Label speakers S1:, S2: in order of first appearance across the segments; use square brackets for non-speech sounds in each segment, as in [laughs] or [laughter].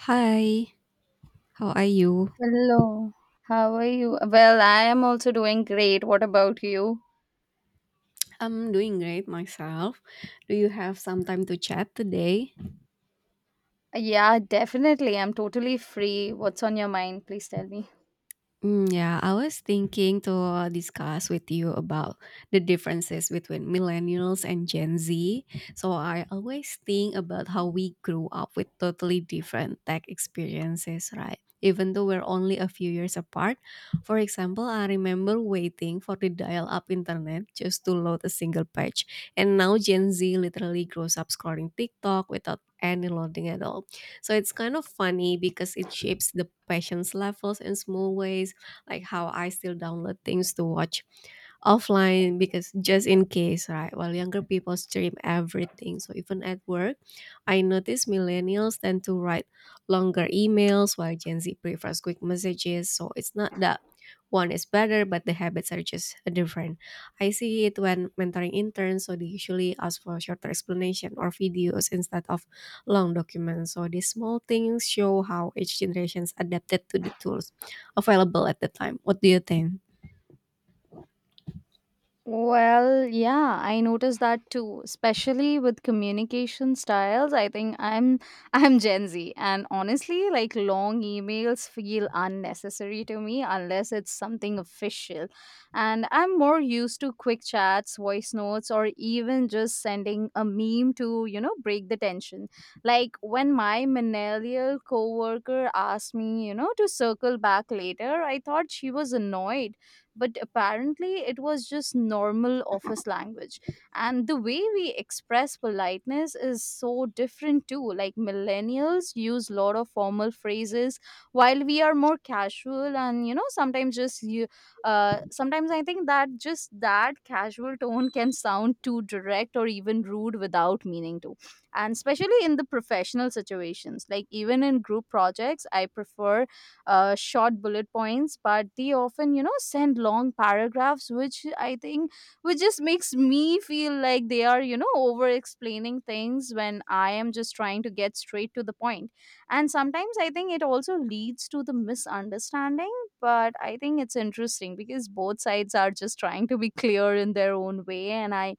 S1: Hi, how are you?
S2: Hello, how are you? Well, I am also doing great. What about you?
S1: I'm doing great myself. Do you have some time to chat today?
S2: Yeah, definitely. I'm totally free. What's on your mind? Please tell me.
S1: Yeah, I was thinking to discuss with you about the differences between millennials and Gen Z. So I always think about how we grew up with totally different tech experiences, right? Even though we're only a few years apart. For example, I remember waiting for the dial up internet just to load a single page. And now Gen Z literally grows up scrolling TikTok without any loading at all. So it's kind of funny because it shapes the passions levels in small ways like how I still download things to watch offline because just in case, right? While younger people stream everything. So even at work, I notice millennials tend to write longer emails while Gen Z prefers quick messages. So it's not that one is better, but the habits are just different. I see it when mentoring interns, so they usually ask for shorter explanation or videos instead of long documents. So these small things show how each generation's adapted to the tools available at the time. What do you think?
S2: Well, yeah, I noticed that too, especially with communication styles. I think I'm [laughs] I'm Gen Z and honestly, like long emails feel unnecessary to me unless it's something official. And I'm more used to quick chats, voice notes or even just sending a meme to, break the tension. Like when my millennial coworker asked me, to circle back later, I thought she was annoyed but apparently it was just normal office language. And the way we express politeness is so different too. Like millennials use a lot of formal phrases while we are more casual and you know sometimes just you sometimes I think that just that casual tone can sound too direct or even rude without meaning to. And especially in the professional situations, like even in group projects, I prefer short bullet points, but they often, you know, send long paragraphs which I think which just makes me feel like they are, you know, over explaining things when I am just trying to get straight to the point. And sometimes I think it also leads to the misunderstanding, but I think it's interesting because both sides are just trying to be clear in their own way, and i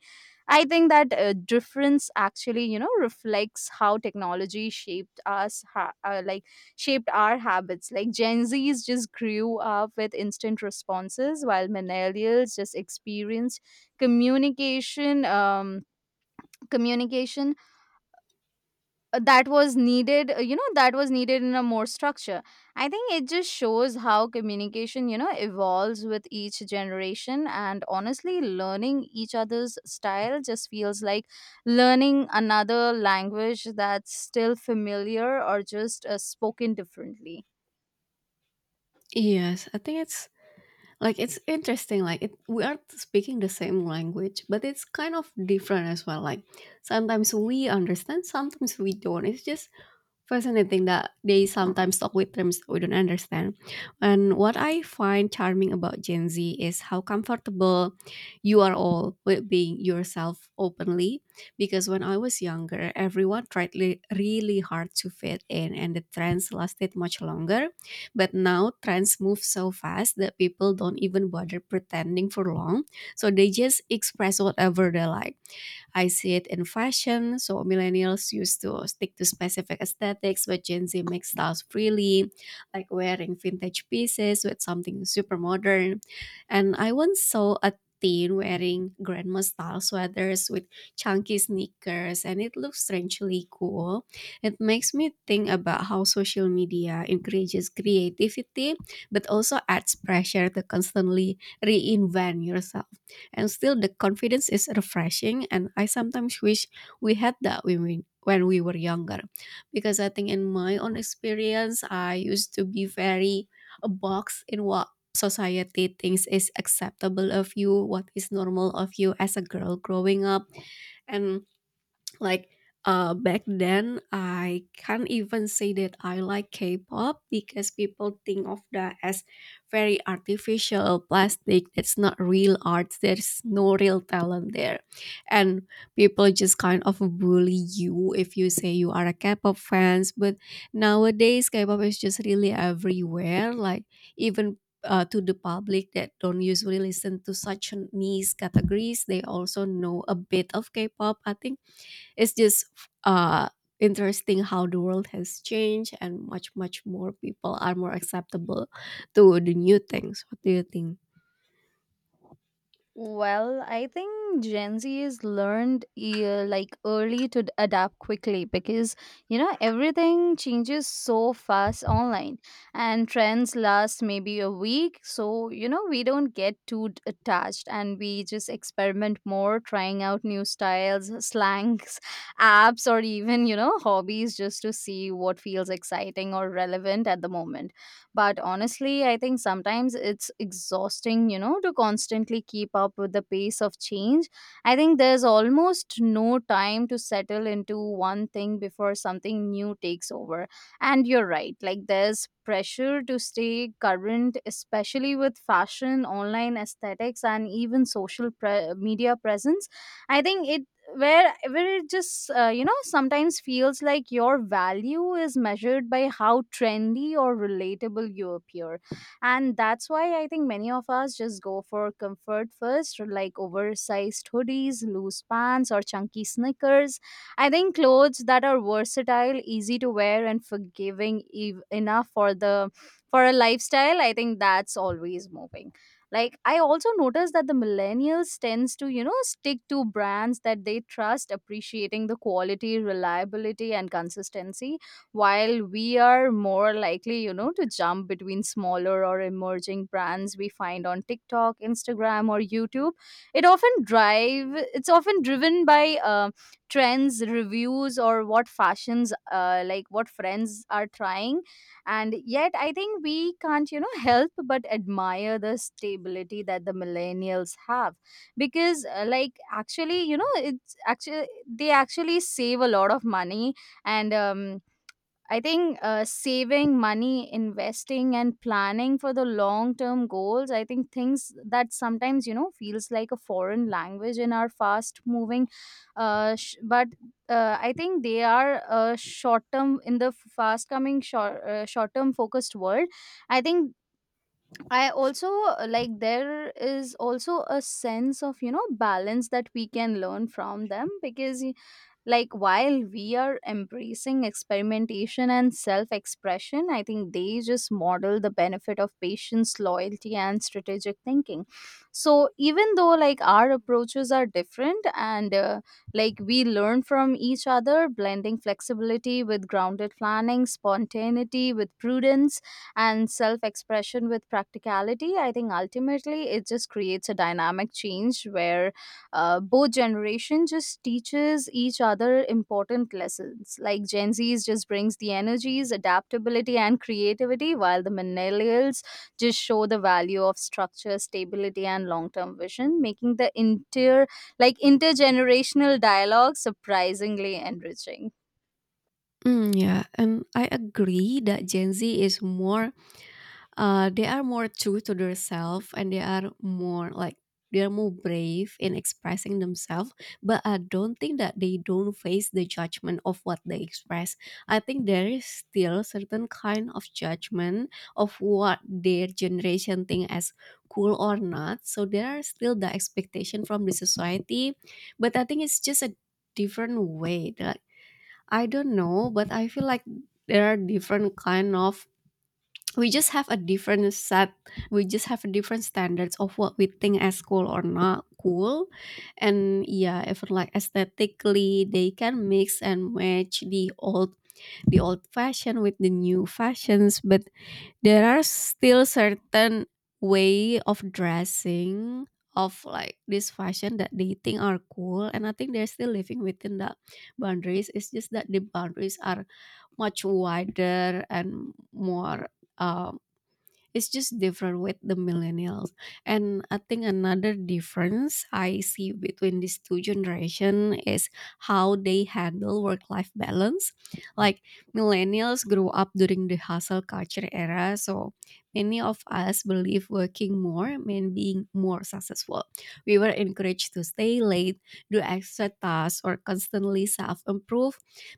S2: I think that difference actually, you know, reflects how technology shaped us, like shaped our habits. Like Gen Zs just grew up with instant responses, while millennials just experienced communication, um, communication that was needed, you know, that was needed in a more structure. I think it just shows how communication, you know, evolves with each generation, and honestly learning each other's style just feels like learning another language that's still familiar or just spoken differently.
S1: Yes, I think it's like it's interesting. Like it, we are speaking the same language, but it's kind of different as well. Like sometimes we understand, sometimes we don't. It's just fascinating that they sometimes talk with terms we don't understand. And what I find charming about Gen Z is how comfortable you are all with being yourself openly. Because when I was younger, everyone really hard to fit in, and the trends lasted much longer. But now trends move so fast that people don't even bother pretending for long. So they just express whatever they like. I see it in fashion. So millennials used to stick to specific aesthetics, but Gen Z makes styles freely, like wearing vintage pieces with something super modern. And I once saw a teen wearing grandma style sweaters with chunky sneakers and it looks strangely cool. It makes me think about how social media encourages creativity but also adds pressure to constantly reinvent yourself, and still the confidence is refreshing and I sometimes wish we had that when we were younger, because I think in my own experience I used to be very a box in what society thinks is acceptable of you, what is normal of you as a girl growing up. And like, back then I can't even say that I like K-pop because people think of that as very artificial, plastic, that's not real art, there's no real talent there. And people just kind of bully you if you say you are a K-pop fans. But nowadays K-pop is just really everywhere, like, even, to the public that don't usually listen to such niche categories, they also know a bit of K-pop. I think it's just, uh interesting how the world has changed and much more people are more acceptable to the new things. What do you think?
S2: Well, I think Gen Z is learned, like early to adapt quickly because, you know, everything changes so fast online and trends last maybe a week. So, you know, we don't get too attached, and we just experiment more, trying out new styles, slangs, [laughs] apps, or even, you know, hobbies just to see what feels exciting or relevant at the moment. But honestly, I think sometimes it's exhausting, you know, to constantly keep up with the pace of change. I think there's almost no time to settle into one thing before something new takes over. And you're right, like, there's pressure to stay current, especially with fashion, online aesthetics, and even social media presence. I think it where it just you know, sometimes feels like your value is measured by how trendy or relatable you appear, and that's why I think many of us just go for comfort first, like oversized hoodies, loose pants, or chunky sneakers. I think clothes that are versatile, easy to wear, and forgiving enough for the for a lifestyle, I think, that's always moving. Like I also noticed that the millennials tends to, you know, stick to brands that they trust, appreciating the quality, reliability, and consistency, while we are more likely, you know, to jump between smaller or emerging brands we find on TikTok, Instagram, or YouTube. it often drive it's often driven by trends, reviews, or what fashions, like what friends are trying. And yet I think we can't, you know, help but admire the stability that the millennials have, because, like, actually, you know, it's actually, they actually save a lot of money. And I think, saving money, investing, and planning for the long term goals, I think, things that sometimes, you know, feels like a foreign language in our fast moving, but I think they are, short term in the fast coming short term focused world. I think I also, like, there is also a sense of, you know, balance that we can learn from them, because like while we are embracing experimentation and self expression, I think they just model the benefit of patience, loyalty, and strategic thinking. So even though like our approaches are different, and like, we learn from each other, blending flexibility with grounded planning, spontaneity with prudence, and self expression with practicality. I think ultimately it just creates a dynamic change where, both generation just teaches each other important lessons, like Gen Z's just brings the energies, adaptability, and creativity, while the millennials just show the value of structure, stability, and long-term vision, making the intergenerational dialogue surprisingly enriching.
S1: Yeah, and I agree that Gen Z is more, they are more true to themselves and they are more like, they are more brave in expressing themselves. But I don't think that they don't face the judgment of what they express. I think there is still certain kind of judgment of what their generation think as cool or not. So there are still the expectation from the society. But I think it's just a different way that, I don't know, but I feel like there are different kind of, we just have a different set we just have a different standards of what we think as cool or not cool. And yeah, even like aesthetically they can mix and match the old fashion with the new fashions. But there are still certain way of dressing, of like this fashion that they think are cool. And I think they're still living within the boundaries. It's just that the boundaries are much wider and more, um, it's just different with the millennials. And I think another difference I see between these two generation is how they handle work life balance. Like, millennials grew up during the hustle culture era, so many of us believe working more meant being more successful. We were encouraged to stay late, do extra tasks, or constantly self-improve.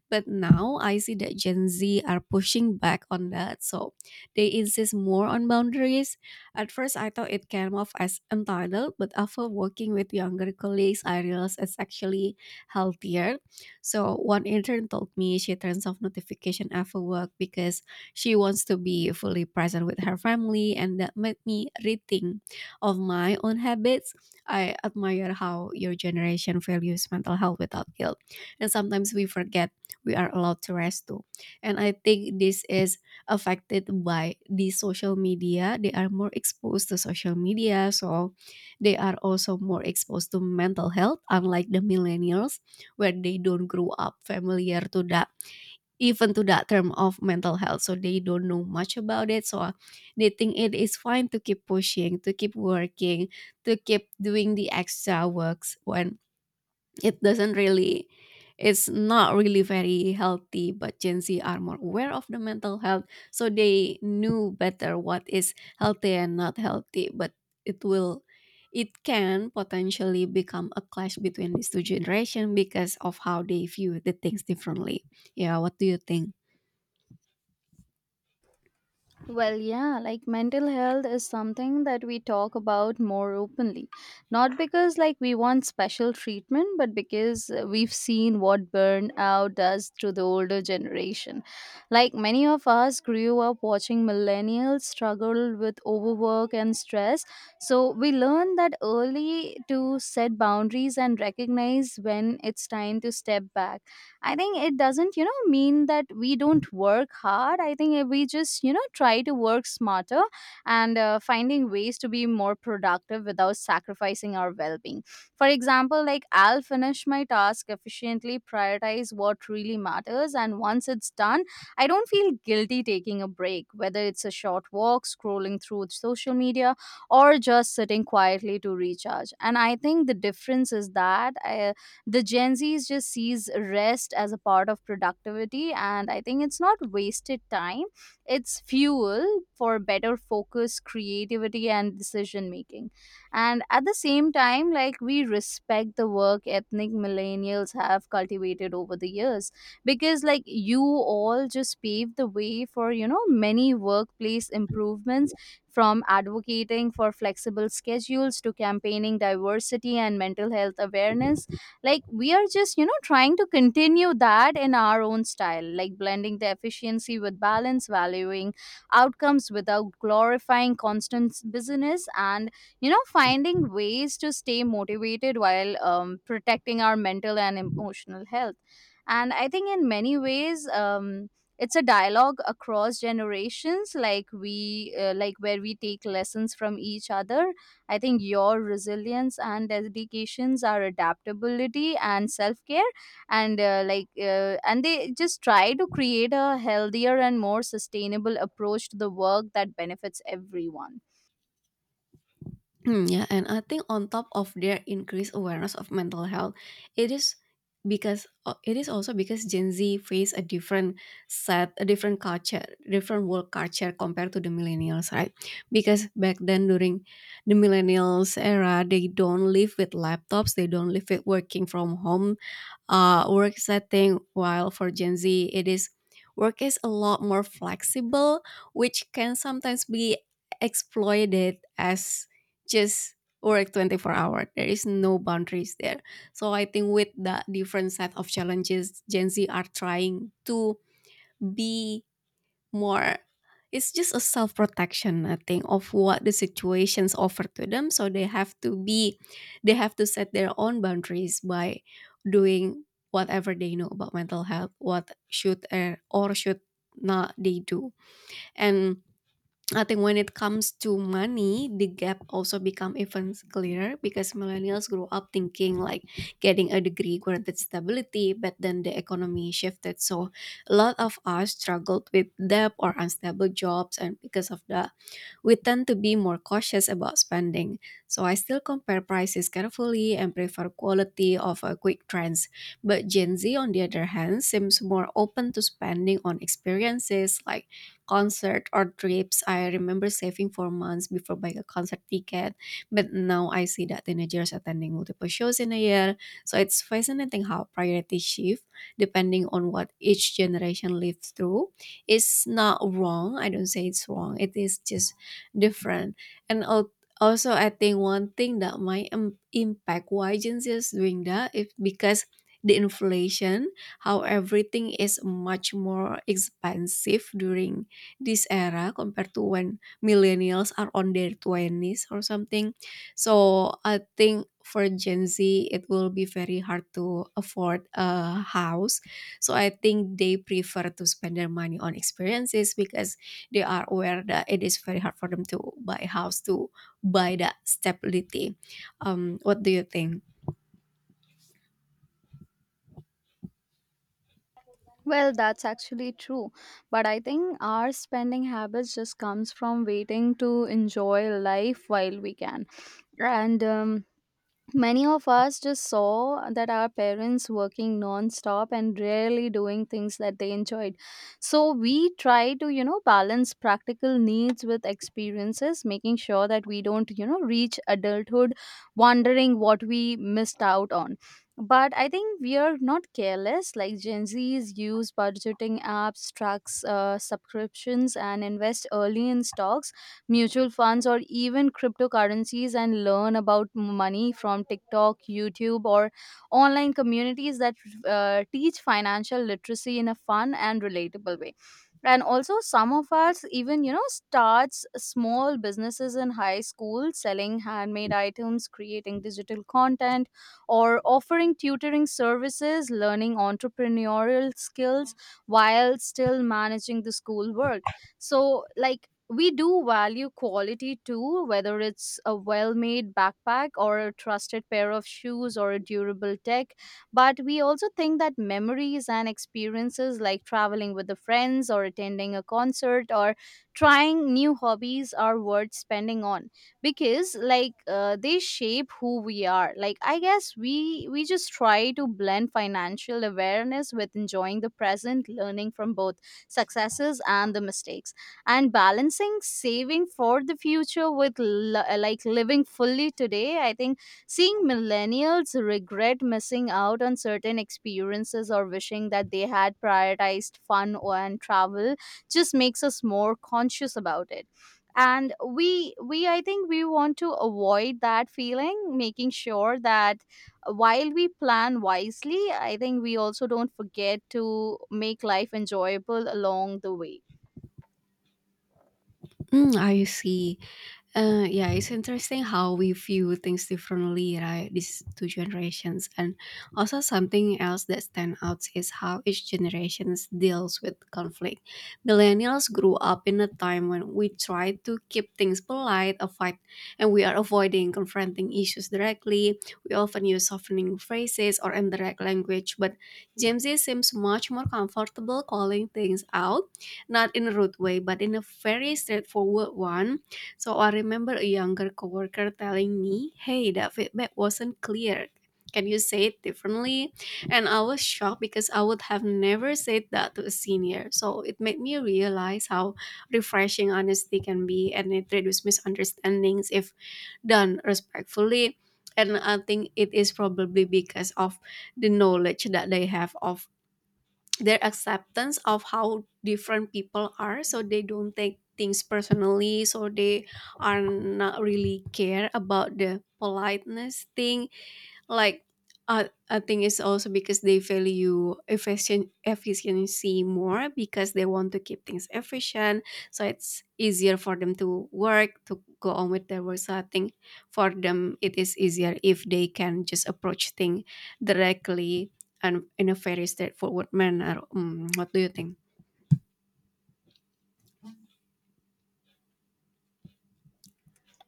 S1: But now I see that Gen Z are pushing back on that, so they insist more on boundaries. At first, I thought it came off as entitled, but after working with younger colleagues, I realized it's actually healthier. So, one intern told me she turns off notification after work because she wants to be fully present with her family, and that made me rethink of my own habits. I admire how your generation values mental health without guilt. And sometimes we forget we are allowed to rest too. And I think this is affected by the social media. They are more exposed to social media, so they are also more exposed to mental health, unlike the millennials, where they don't grow up familiar to that, even to that term of mental health, so they don't know much about it. So they think it is fine to keep pushing, to keep working, to keep doing the extra works when it doesn't really, it's not really very healthy. But Gen Z are more aware of the mental health, so they knew better what is healthy and not healthy. But it will, it can potentially become a clash between these two generations because of how they view the things differently. Yeah, what do you think?
S2: Well, yeah, like mental health is something that we talk about more openly. Not because like we want special treatment, but because, we've seen what burnout does to the older generation. Like many of us grew up watching millennials struggle with overwork and stress. So we learn that early to set boundaries and recognize when it's time to step back. I think it doesn't, you know, mean that we don't work hard. I think we just, you know, try to work smarter and, finding ways to be more productive without sacrificing our well being. For example, like I'll finish my task efficiently, prioritize what really matters, and once it's done, I don't feel guilty taking a break, whether it's a short walk, scrolling through social media, or just sitting quietly to recharge. And I think the difference is that. I, the Gen Z's just sees rest as a part of productivity, and I think it's not wasted time, it's fuel for better focus, creativity, and decision making. And at the same time, like we respect the work ethnic millennials have cultivated over the years, because like you all just paved the way for, you know, many workplace improvements, from advocating for flexible schedules to campaigning diversity and mental health awareness. Like we are just, you know, trying to continue that in our own style, like blending the efficiency with balance, valuing outcomes without glorifying constant business, and, you know, finding ways to stay motivated while, protecting our mental and emotional health. And I think in many ways, it's a dialogue across generations, like we like where we take lessons from each other. I think your resilience and dedications are adaptability and self care, and, and they just try to create a healthier and more sustainable approach to the work that benefits everyone.
S1: Hmm. Yeah, and I think on top of their increased awareness of mental health, it is because, it is also because Gen Z face a different set, a different culture, different world culture compared to the millennials, right? Because back then during the millennials era, they don't live with laptops, they don't live with working from home, work setting, while for Gen Z, it is, work is a lot more flexible, which can sometimes be exploited as just work 24 hour. There is no boundaries there. So I think with the different set of challenges, Gen Z are trying to be more, it's just a self protection, I think, of what the situations offer to them, so they have to be, they have to set their own boundaries by doing whatever they know about mental health, what should, or should not they do. And I think when it comes to money, the gap also become even clearer, because millennials grew up thinking like getting a degree granted stability, but then the economy shifted. So a lot of us struggled with debt or unstable jobs, and because of that, we tend to be more cautious about spending. So I still compare prices carefully and prefer quality over quick trends. But Gen Z, on the other hand, seems more open to spending on experiences like concert or trips. I remember saving for months before buying a concert ticket, but now I see that teenagers attending multiple shows in a year. So it's fascinating how priorities shift depending on what each generation lives through. It's not wrong. I don't say it's wrong. It is just different. And also, I think one thing that might impact why Gen Z is doing that is because the inflation, how everything is much more expensive during this era compared to when millennials are on their 20s or something. So I think for Gen Z, it will be very hard to afford a house. So I think they prefer to spend their money on experiences because they are aware that it is very hard for them to buy a house, to buy that stability. What do you think?
S2: Well, that's actually true. But I think our spending habits just comes from waiting to enjoy life while we can. And Many of us just saw that our parents working non-stop and rarely doing things that they enjoyed. So we try to, you know, balance practical needs with experiences, making sure that we don't, you know, reach adulthood wondering what we missed out on. But I think we are not careless. Like Gen Zs use budgeting apps, tracks, subscriptions, and invest early in stocks, mutual funds, or even cryptocurrencies, and learn about money from TikTok, YouTube, or online communities that teach financial literacy in a fun and relatable way. And also some of us even, you know, starts small businesses in high school, selling handmade items, creating digital content, or offering tutoring services, learning entrepreneurial skills, while still managing the school work. So like we do value quality too, whether it's a well made backpack, or a trusted pair of shoes, or a durable tech. But we also think that memories and experiences, like traveling with the friends or attending a concert or trying new hobbies, are worth spending on, because like, they shape who we are. Like I guess we just try to blend financial awareness with enjoying the present, learning from both successes and the mistakes, and balancing saving for the future with like living fully today. I think seeing millennials regret missing out on certain experiences, or wishing that they had prioritized and travel, just makes us more conscious about it. And we I think we want to avoid that feeling, making sure that while we plan wisely, I think we also don't forget to make life enjoyable along the way.
S1: Mm, I see. Yeah, it's interesting how we view things differently, right? These two generations. And also something else that stands out is how each generation deals with conflict. Millennials grew up in a time when we try to keep things polite, avoid, and we are avoiding confronting issues directly. We often use softening phrases or indirect language, but Gen Z seems much more comfortable calling things out, not in a rude way, but in a very straightforward one. So I remember a younger coworker telling me, "Hey, that feedback wasn't clear. Can you say it differently?" And I was shocked because I would have never said that to a senior. So it made me realize how refreshing honesty can be, and it reduces misunderstandings if done respectfully. And I think it is probably because of the knowledge that they have of their acceptance of how different people are, so they don't take things personally, so they are not really care about the politeness thing. Like, I think it's also because they value efficient efficiency more, because they want to keep things efficient. So it's easier for them to work to go on with their work. So I think for them it is easier if they can just approach things directly and in a very straightforward manner. Mm, what do you think?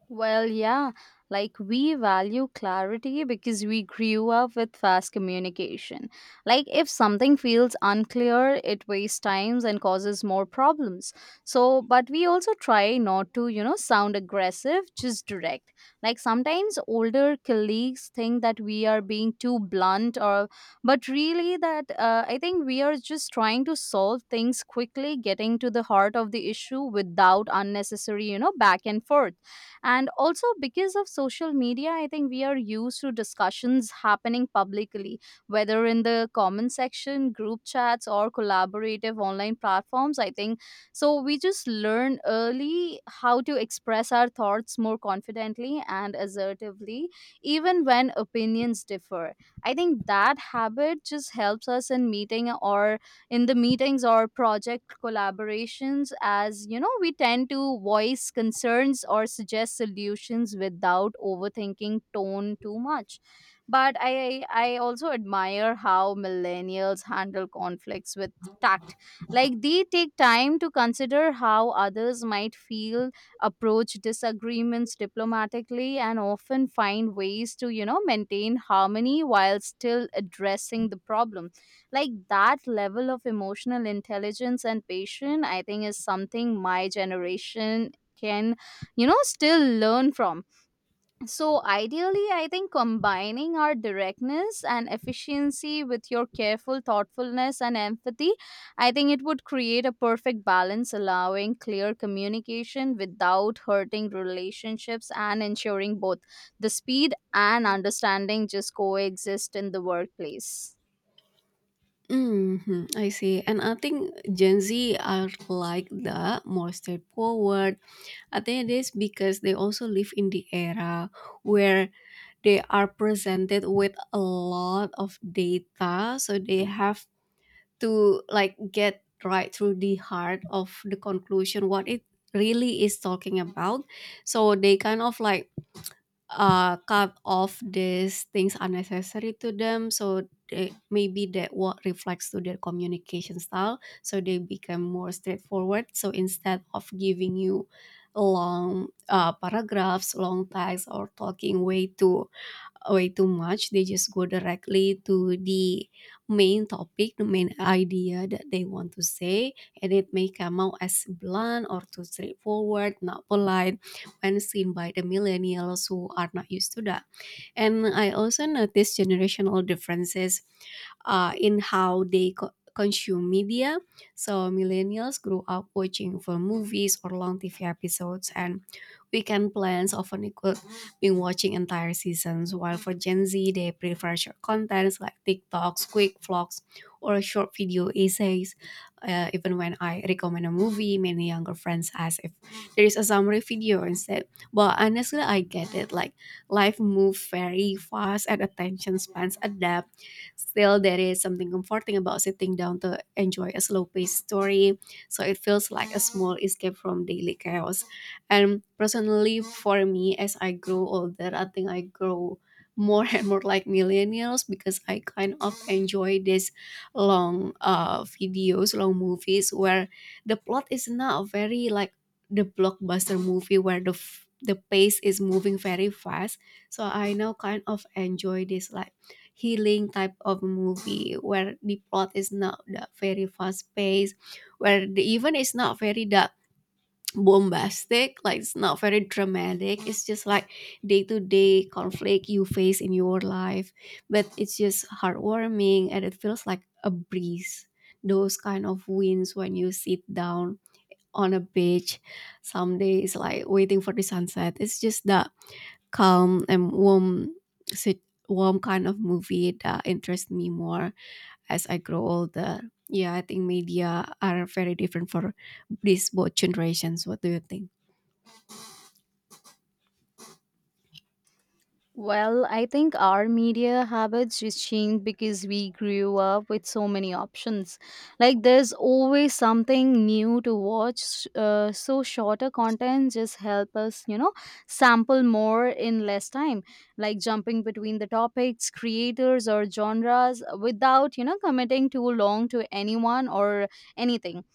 S2: Well, yeah, like we value clarity because we grew up with fast communication. Like, if something feels unclear, it wastes times and causes more problems. So, but we also try not to, you know, sound aggressive, just direct. Like, sometimes older colleagues think that we are being too blunt, or but really, that I think we are just trying to solve things quickly, getting to the heart of the issue without unnecessary back and forth. And also, because of social media, I think we are used to discussions happening publicly, whether in the comment section, group chats, or collaborative online platforms, I think. So we just learn early how to express our thoughts more confidently and assertively, even when opinions differ. I think that habit just helps us in meeting or in the meetings or project collaborations, as you know, we tend to voice concerns or suggest solutions without overthinking tone too much. But I also admire how millennials handle conflicts with tact. Like, they take time to consider how others might feel, approach disagreements diplomatically, and often find ways to, you know, maintain harmony while still addressing the problem. Like, that level of emotional intelligence and patience, I think, is something my generation can, you know, still learn from. So ideally, I think combining our directness and efficiency with your careful thoughtfulness and empathy, I think it would create a perfect balance, allowing clear communication without hurting relationships and ensuring both the speed and understanding just coexist in the workplace.
S1: Hmm. I see. And I think Gen Z are like the more straightforward. I think it is because they also live in the era where they are presented with a lot of data, so they have to like get right through the heart of the conclusion what it really is talking about. So they kind of like cut off these things unnecessary to them, so they, maybe that what reflects to their communication style, so they become more straightforward, so instead of giving you long paragraphs, long text, or talking way too oh, way too much. They just go directly to the main topic, the main idea that they want to say, and it may come out as blunt or too straightforward, not polite, when seen by the millennials who are not used to that. And I also notice generational differences in how consume media. So millennials grew up watching for movies or long TV episodes, and weekend plans often equal been watching entire seasons, while for Gen Z, they prefer short contents like TikToks, quick vlogs, or short video essays. Even when I recommend a movie, many younger friends ask if there is a summary video instead. But honestly, I get it. Like, life moves very fast and attention spans adapt. Still, there is something comforting about sitting down to enjoy a slow paced story, so it feels like a small escape from daily chaos. And personally, for me, as I grow older, I think I grow more [laughs] and more like millennials because I kind of enjoy these long videos, long movies where the plot is not very like the blockbuster movie where the pace is moving very fast. So I now kind of enjoy this like healing type of movie where the plot is not that very fast paced, where the even is not very dark bombastic, like it's not very dramatic, it's just like day to day conflict you face in your life, but it's just heartwarming and it feels like a breeze, those kind of winds when you sit down on a beach some days, like waiting for the sunset. It's just that calm and warm, sit, warm kind of movie that interests me more as I grow older. Yeah, I think media are very different for these both generations. What do you think?
S2: Well, I think our media habits just changed because we grew up with so many options. Like, there's always something new to watch. So, shorter content just help us, you know, sample more in less time. Like, jumping between the topics, creators, or genres without, you know, committing too long to anyone or anything.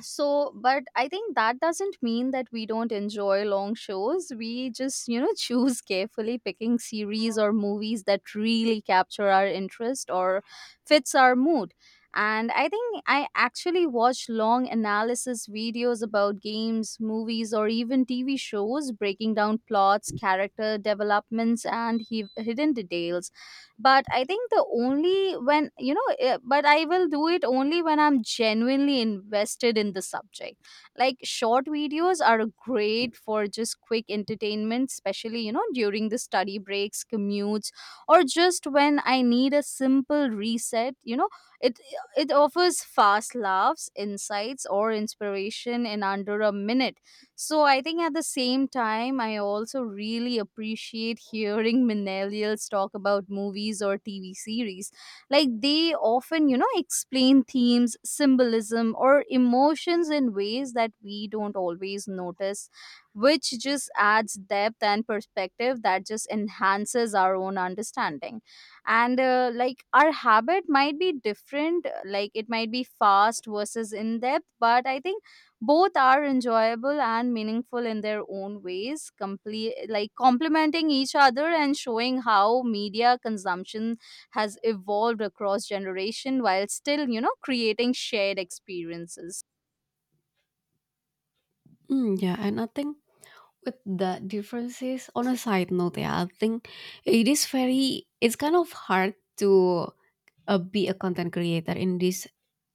S2: So but I think that doesn't mean that we don't enjoy long shows. We just, you know, [laughs] choose carefully, picking series or movies that really capture our interest or fits our mood. And I think I actually watch long analysis videos about games, movies, or even TV shows, breaking down plots, character developments, and hidden details. But I think the only when you know but I will do it only when I'm genuinely invested in the subject. Like, short videos are great for just quick entertainment, especially, you know, during the study breaks, commutes, or just when I need a simple reset. it it offers fast laughs, insights, or inspiration in under a minute. So I think at the same time, I also really appreciate hearing [laughs] millennials talk about movies or TV series. Like, they often, you know, explain themes, symbolism, or emotions in ways that we don't always notice, which just adds depth and perspective that just enhances our own understanding. And like, our habit might be different, like it might be fast versus in depth, but I think both are enjoyable and meaningful in their own ways, like complementing each other and showing how media consumption has evolved across generation while still, you know, creating shared experiences.
S1: Mm, yeah, and I think with the differences, on a side note, yeah, I think it is very, it's kind of hard to be a content creator in this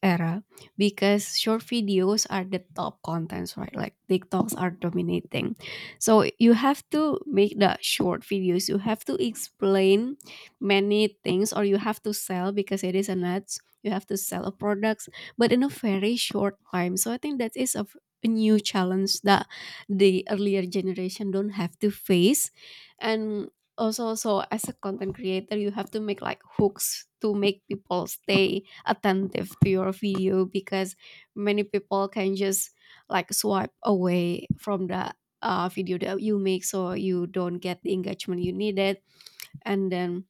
S1: era, because short videos are the top contents, right? Like TikToks are dominating, so you have to make the short videos, you have to explain many things, or you have to sell, because it is an ads, you have to sell a products, but in a very short time. So I think that is a new challenge that the earlier generation don't have to face. And also, so as a content creator you have to make like hooks to make people stay attentive to your video, because many people can just like swipe away from the video that you make, so you don't get the engagement you needed. And then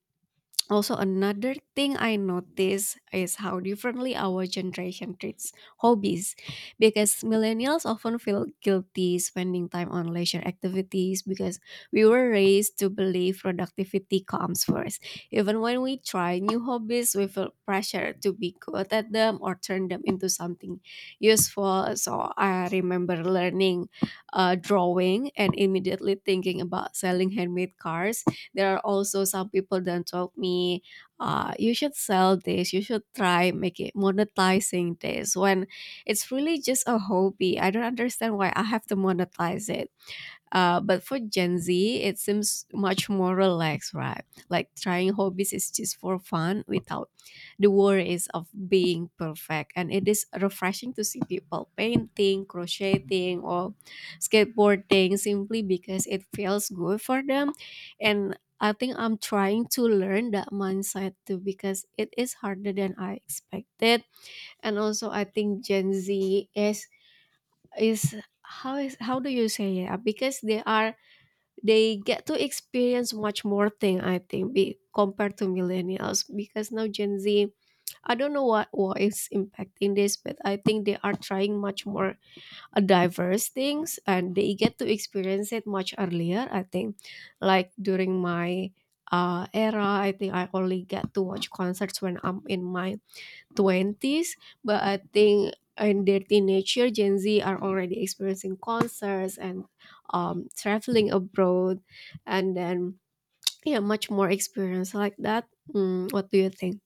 S1: also, another thing I notice is how differently our generation treats hobbies, because millennials often feel guilty spending time on leisure activities because we were raised to believe productivity comes first. Even when we try new hobbies, we feel pressure to be good at them or turn them into something useful. So, I remember learning drawing and immediately thinking about selling handmade cards. There are also some people that told me you should sell this, you should try make it monetizing this, when it's really just a hobby. I don't understand why I have to monetize it. But for Gen Z, it seems much more relaxed, right? Like trying hobbies is just for fun without the worries of being perfect. And it is refreshing to see people painting, crocheting, or skateboarding simply because it feels good for them. And I think I'm trying to learn that mindset too because it is harder than I expected. And also, I think Gen Z is how is how do you say it? Because they are they get to experience much more thing, I think be, compared to millennials, because now Gen Z, I don't know what is impacting this, but I think they are trying much more diverse things, and they get to experience it much earlier, I think. Like during my era, I think I only get to watch concerts when I'm in my 20s, but I think in their teenage year Gen Z are already experiencing concerts and traveling abroad. And then yeah, much more experience like that. Mm, what do you think?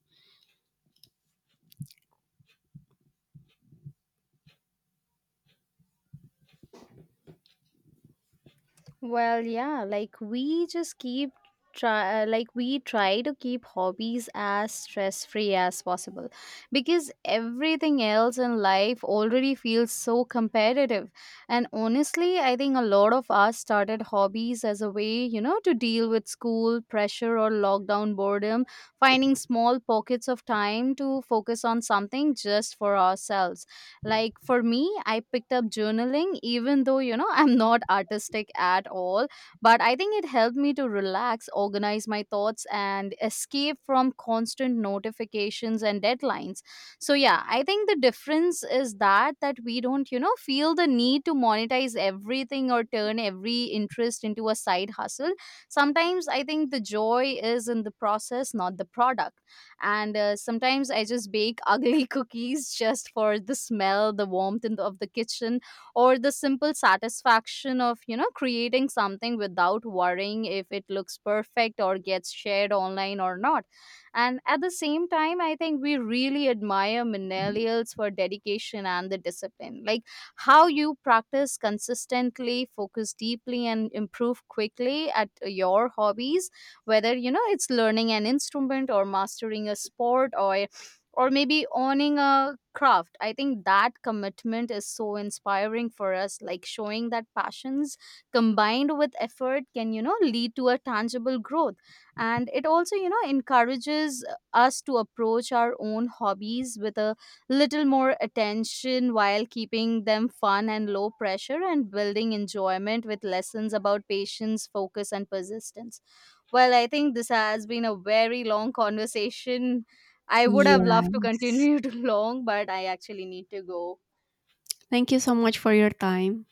S2: Well, yeah, like we just keep try like we try to keep hobbies as stress free as possible, because everything else in life already feels so competitive. And honestly, I think a lot of us started hobbies as a way, you know, to deal with school pressure or lockdown boredom, finding small pockets of time to focus on something just for ourselves. Like, for me, I picked up journaling even though, you know, [laughs] I'm not artistic at all, but I think it helped me to relax, organize my thoughts, and escape from constant notifications and deadlines. So yeah, I think the difference is that we don't, you know, feel the need to monetize everything or turn every interest into a side hustle. Sometimes I think the joy is in the process, not the product. And sometimes I just bake ugly [laughs] cookies just for the smell, the warmth in of the kitchen, or the simple satisfaction of, you know, creating something without worrying if it looks perfect or gets shared online or not. And at the same time, I think we really admire millennials for dedication and the discipline. Like, how you practice consistently, focus deeply, and improve quickly at your hobbies, whether, you know, it's learning an instrument or mastering a sport, or maybe owning a craft. I think that commitment is so inspiring for us, like showing that passions combined with effort can, you know, lead to a tangible growth. And it also, you know, encourages us to approach our own hobbies with a little more attention while keeping them fun and low pressure, and building enjoyment with lessons about patience, focus, and persistence. Well, I think this has been a very long conversation. I would have
S1: Yeah.
S2: loved to continue [laughs] too long, but I actually need to go.
S1: Thank you so much for your time.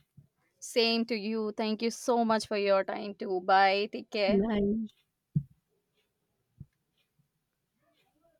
S2: Same to you. Thank you so much for your time too. Bye. Take care.
S1: Bye.